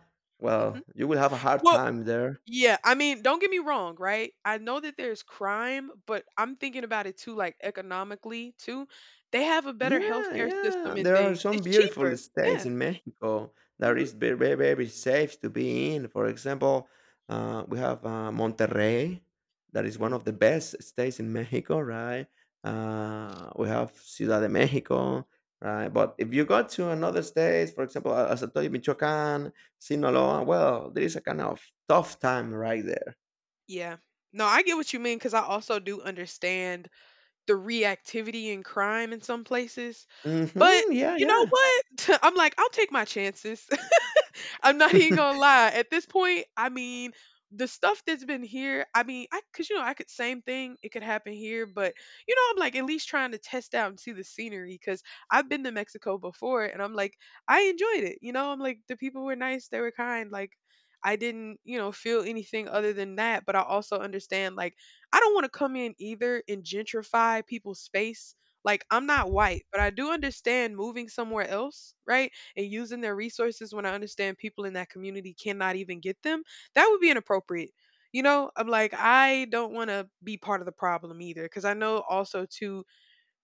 Speaker 1: Hmm.
Speaker 2: well, you will have a hard
Speaker 1: Well,
Speaker 2: time there.
Speaker 1: yeah, I mean, don't get me wrong, right? I know that there's crime, but I'm thinking about it too, like economically too. They have a better
Speaker 2: Yeah,
Speaker 1: healthcare
Speaker 2: yeah.
Speaker 1: system and
Speaker 2: There are
Speaker 1: things.
Speaker 2: some
Speaker 1: It's
Speaker 2: beautiful
Speaker 1: cheaper.
Speaker 2: states
Speaker 1: Yeah.
Speaker 2: in Mexico that
Speaker 1: Hmm.
Speaker 2: is very, very, very safe to be in. For example, we have Monterrey, that is one
Speaker 1: Mm.
Speaker 2: of the best states in Mexico, right? We have Ciudad de Mexico, right? But if you go to another state, for example, as I told you, Michoacán, Sinaloa, well, there is a kind of tough time right there.
Speaker 1: Yeah. No, I get what you mean because I also do understand the reactivity in crime in some places. But
Speaker 2: Yeah,
Speaker 1: you know
Speaker 2: yeah.
Speaker 1: what? I'm like, I'll take my chances. I'm not even gonna lie. At this point, I mean, the stuff that's been here, I mean, I cause you know, I could same thing, it could happen here, but you know, I'm like at least trying to test out and see the scenery because I've been to Mexico before and I'm like, I enjoyed it. You know, I'm like the people were nice, they were kind, like I didn't, you know, feel anything other than that. But I also understand like I don't want to come in either and gentrify people's space like, I'm not white, but I do understand moving somewhere else, right? And using their resources when I understand people in that community cannot even get them. That would be inappropriate. You know, I'm like, I don't want to be part of the problem either. Cause I know also, too,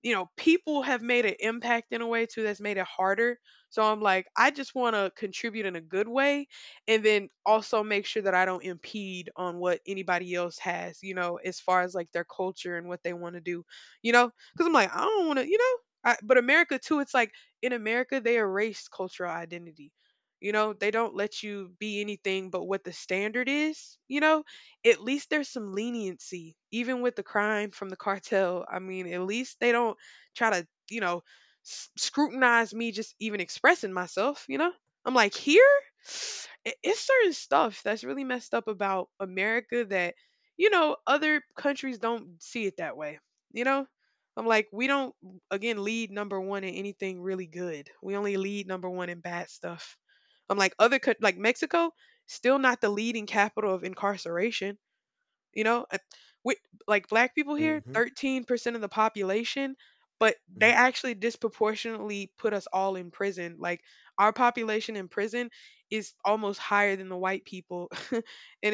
Speaker 1: you know, people have made an impact in a way too that's made it harder. So I'm like, I just want to contribute in a good way and then also make sure that I don't impede on what anybody else has, you know, as far as like their culture and what they want to do, you know, because I'm like, I don't want to, you know, I, but America too, it's like in America, they erase cultural identity. You know, they don't let you be anything but what the standard is, you know? At least there's some leniency even with the crime from the cartel. I mean, at least they don't try to, you know, scrutinize me just even expressing myself, you know, I'm like here it's certain stuff that's really messed up about America that, you know, other countries don't see it that way, you know, I'm like we don't again lead number one in anything really good. We only lead number one in bad stuff. I'm like other like Mexico still not the leading capital of incarceration, you know. We, like black people here, 13% of the population, but they
Speaker 2: hmm
Speaker 1: actually disproportionately put us all in prison. Like our population in prison is almost higher than the white people. And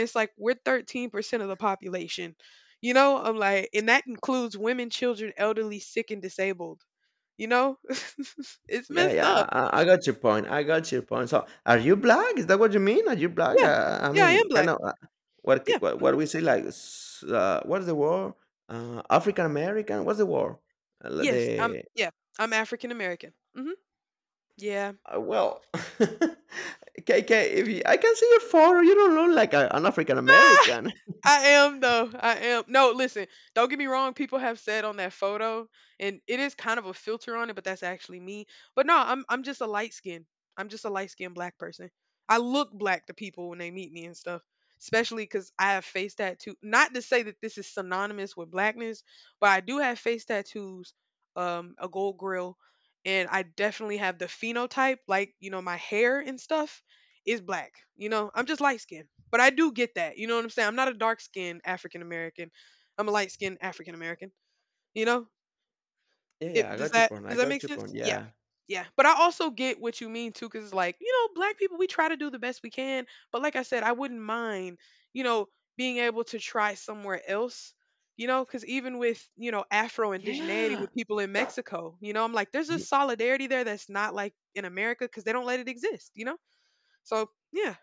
Speaker 1: it's like we're 13% of the population. You know, I'm like, and that includes women, children, elderly, sick, and disabled. You know, it's
Speaker 2: yeah,
Speaker 1: messed
Speaker 2: yeah,
Speaker 1: up.
Speaker 2: I got your point. I got your point. So, are you black? Is that what you mean? Are you black?
Speaker 1: Yeah.
Speaker 2: I
Speaker 1: Yeah, I am
Speaker 2: mean, kind
Speaker 1: black.
Speaker 2: of
Speaker 1: Yeah.
Speaker 2: what
Speaker 1: Hmm.
Speaker 2: we say like what's the word? African American. What's the word? L-
Speaker 1: Yes. I'm,
Speaker 2: the
Speaker 1: yeah. I'm African American. Hmm. Yeah.
Speaker 2: well, KK. If you, I can see your photo, you don't look like an African American.
Speaker 1: I am though. I am. No, listen, don't get me wrong. People have said on that photo, and it is kind of a filter on it, but that's actually me. But no, I'm just a light skin. I'm just a light skinned black person. I look black to people when they meet me and stuff, especially because I have face tattoo. Not to say that this is synonymous with blackness, but I do have face tattoos, a gold grill, and I definitely have the phenotype. Like you know, my hair and stuff is black. You know, I'm just light skinned. But I do get that. You know what I'm saying? I'm not a dark skinned African American. I'm a light skinned African American. You know?
Speaker 2: Yeah, yeah,
Speaker 1: It
Speaker 2: I
Speaker 1: does—
Speaker 2: got your
Speaker 1: that
Speaker 2: point. I
Speaker 1: does that make
Speaker 2: got your point.
Speaker 1: sense? Yeah.
Speaker 2: Yeah,
Speaker 1: Yeah. But I also get what you mean too, because it's like, you know, black people, we try to do the best we can. But like I said, I wouldn't mind, you know, being able to try somewhere else. You know, because even with, you know, Afro indigeneity
Speaker 2: yeah,
Speaker 1: with people in Mexico, you know, I'm like, there's a
Speaker 2: Ye-
Speaker 1: solidarity there that's not like in America because they don't let it exist, you know? So, yeah.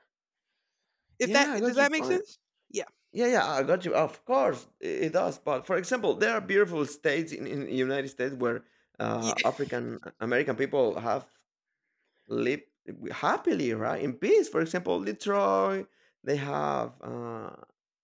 Speaker 1: If that—
Speaker 2: yeah, I
Speaker 1: does
Speaker 2: got your
Speaker 1: that make
Speaker 2: point.
Speaker 1: sense? Yeah.
Speaker 2: Yeah, yeah, I got you. Of course, it does. But for example, there are beautiful states in the United States where
Speaker 1: Yeah.
Speaker 2: African American people have live happily, right? In peace. For example, Detroit, they have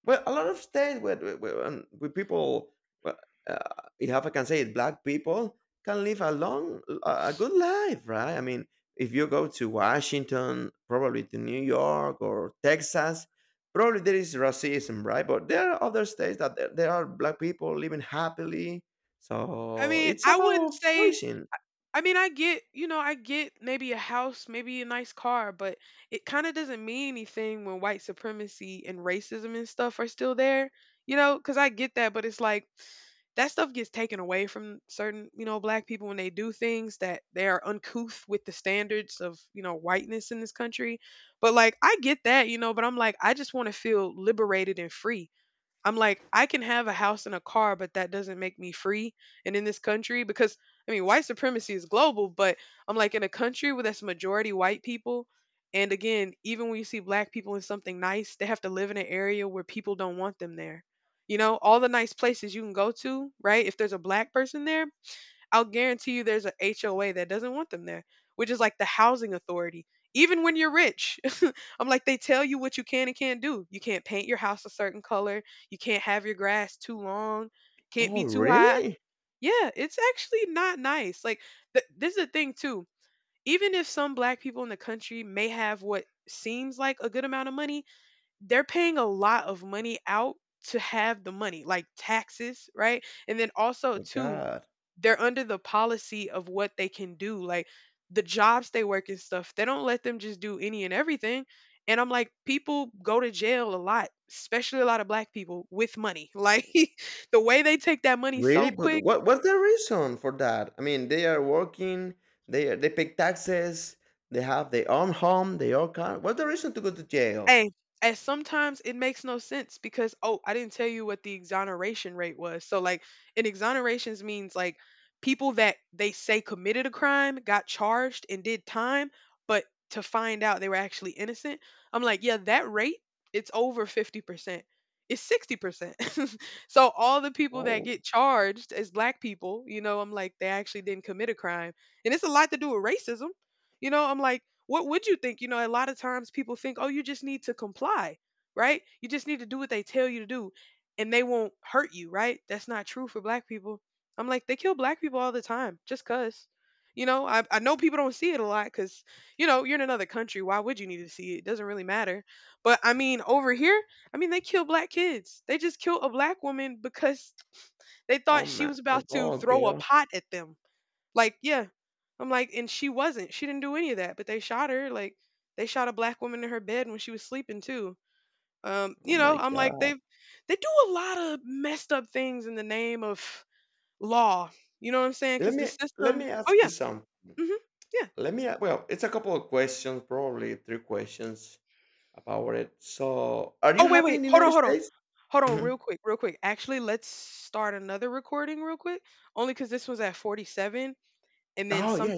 Speaker 2: well a lot of states where people, well, if I can say it, black people can live a good life, right? I mean, if you go to Washington, probably to New York or Texas, probably there is racism, right? But there are other states that there are black people living happily.
Speaker 1: I
Speaker 2: So
Speaker 1: mean,
Speaker 2: it's
Speaker 1: I wouldn't
Speaker 2: about
Speaker 1: say
Speaker 2: choosing.
Speaker 1: I mean, I get, you know, I get maybe a house, maybe a nice car, but it kind of doesn't mean anything when white supremacy and racism and stuff are still there, you know, because I get that, but it's like that stuff gets taken away from certain, you know, black people when they do things that they are uncouth with the standards of, you know, whiteness in this country. But like, I get that, you know, but I'm like, I just want to feel liberated and free. I'm like, I can have a house and a car, but that doesn't make me free. And in this country, because I mean, white supremacy is global, but I'm like, in a country where that's majority white people, and again, even when you see black people in something nice, they have to live in an area where people don't want them there. You know, all the nice places you can go to, right? If there's a black person there, I'll guarantee you there's a HOA that doesn't want them there, which is like the housing authority. Even when you're rich, I'm like, they tell you what you can and can't do. You can't paint your house a certain color. You can't have your grass too long. Can't be
Speaker 2: Oh,
Speaker 1: too high.
Speaker 2: really?
Speaker 1: Yeah, it's actually not nice. Like, this is the thing, too. Even if some black people in the country may have what seems like a good amount of money, they're paying a lot of money out to have the money, like taxes, right? And then also,
Speaker 2: My
Speaker 1: too,
Speaker 2: God.
Speaker 1: they're under the policy of what they can do, like the jobs they work and stuff. They don't let them just do any and everything. And I'm like, people go to jail a lot, especially a lot of black people with money, like the way they take that money
Speaker 2: Really?
Speaker 1: so
Speaker 2: But
Speaker 1: quick.
Speaker 2: what what's the reason for that? I mean, they are working, they pay taxes, they have their own home, their own car. What's the reason to go to jail?
Speaker 1: Hey, and sometimes it makes no sense because, oh, I didn't tell you what the exoneration rate was. So like, an exonerations means like people that they say committed a crime got charged and did time, but to find out they were actually innocent. I'm like, yeah, that rate, it's over 50%. It's 60%. So all the people that
Speaker 2: Oh,
Speaker 1: get charged as black people, you know, I'm like, they actually didn't commit a crime. And it's a lot to do with racism. You know, I'm like, what would you think? You know, a lot of times people think, oh, you just need to comply, right? You just need to do what they tell you to do and they won't hurt you, right? That's not true for black people. I'm like, they kill black people all the time just because. You know, I know people don't see it a lot because, you know, you're in another country. Why would you need to see it? It doesn't really matter. But I mean, over here, I mean, they kill black kids. They just killed a black woman because they thought
Speaker 2: oh
Speaker 1: she
Speaker 2: my
Speaker 1: was about to
Speaker 2: God,
Speaker 1: throw a
Speaker 2: girl.
Speaker 1: pot at them. Like, yeah. I'm like, and she wasn't. She didn't do any of that, but they shot her. Like, they shot a black woman in her bed when she was sleeping too.
Speaker 2: Oh
Speaker 1: You know,
Speaker 2: my
Speaker 1: I'm like,
Speaker 2: God.
Speaker 1: they do a lot of messed up things in the name of law. You know what I'm saying?
Speaker 2: Let
Speaker 1: Because the
Speaker 2: me let
Speaker 1: system.
Speaker 2: me
Speaker 1: Oh
Speaker 2: ask you
Speaker 1: yeah.
Speaker 2: some.
Speaker 1: Hmm. Yeah.
Speaker 2: Well, it's a couple of questions, probably three questions about it. So, are you
Speaker 1: Oh wait,
Speaker 2: happy
Speaker 1: wait.
Speaker 2: in the
Speaker 1: Hold on,
Speaker 2: United
Speaker 1: hold on,
Speaker 2: States?
Speaker 1: hold on.
Speaker 2: Mhm.
Speaker 1: Real quick, real quick. Actually, let's start another recording real quick. Only because this was at 47, and then
Speaker 2: Oh
Speaker 1: some.
Speaker 2: yeah,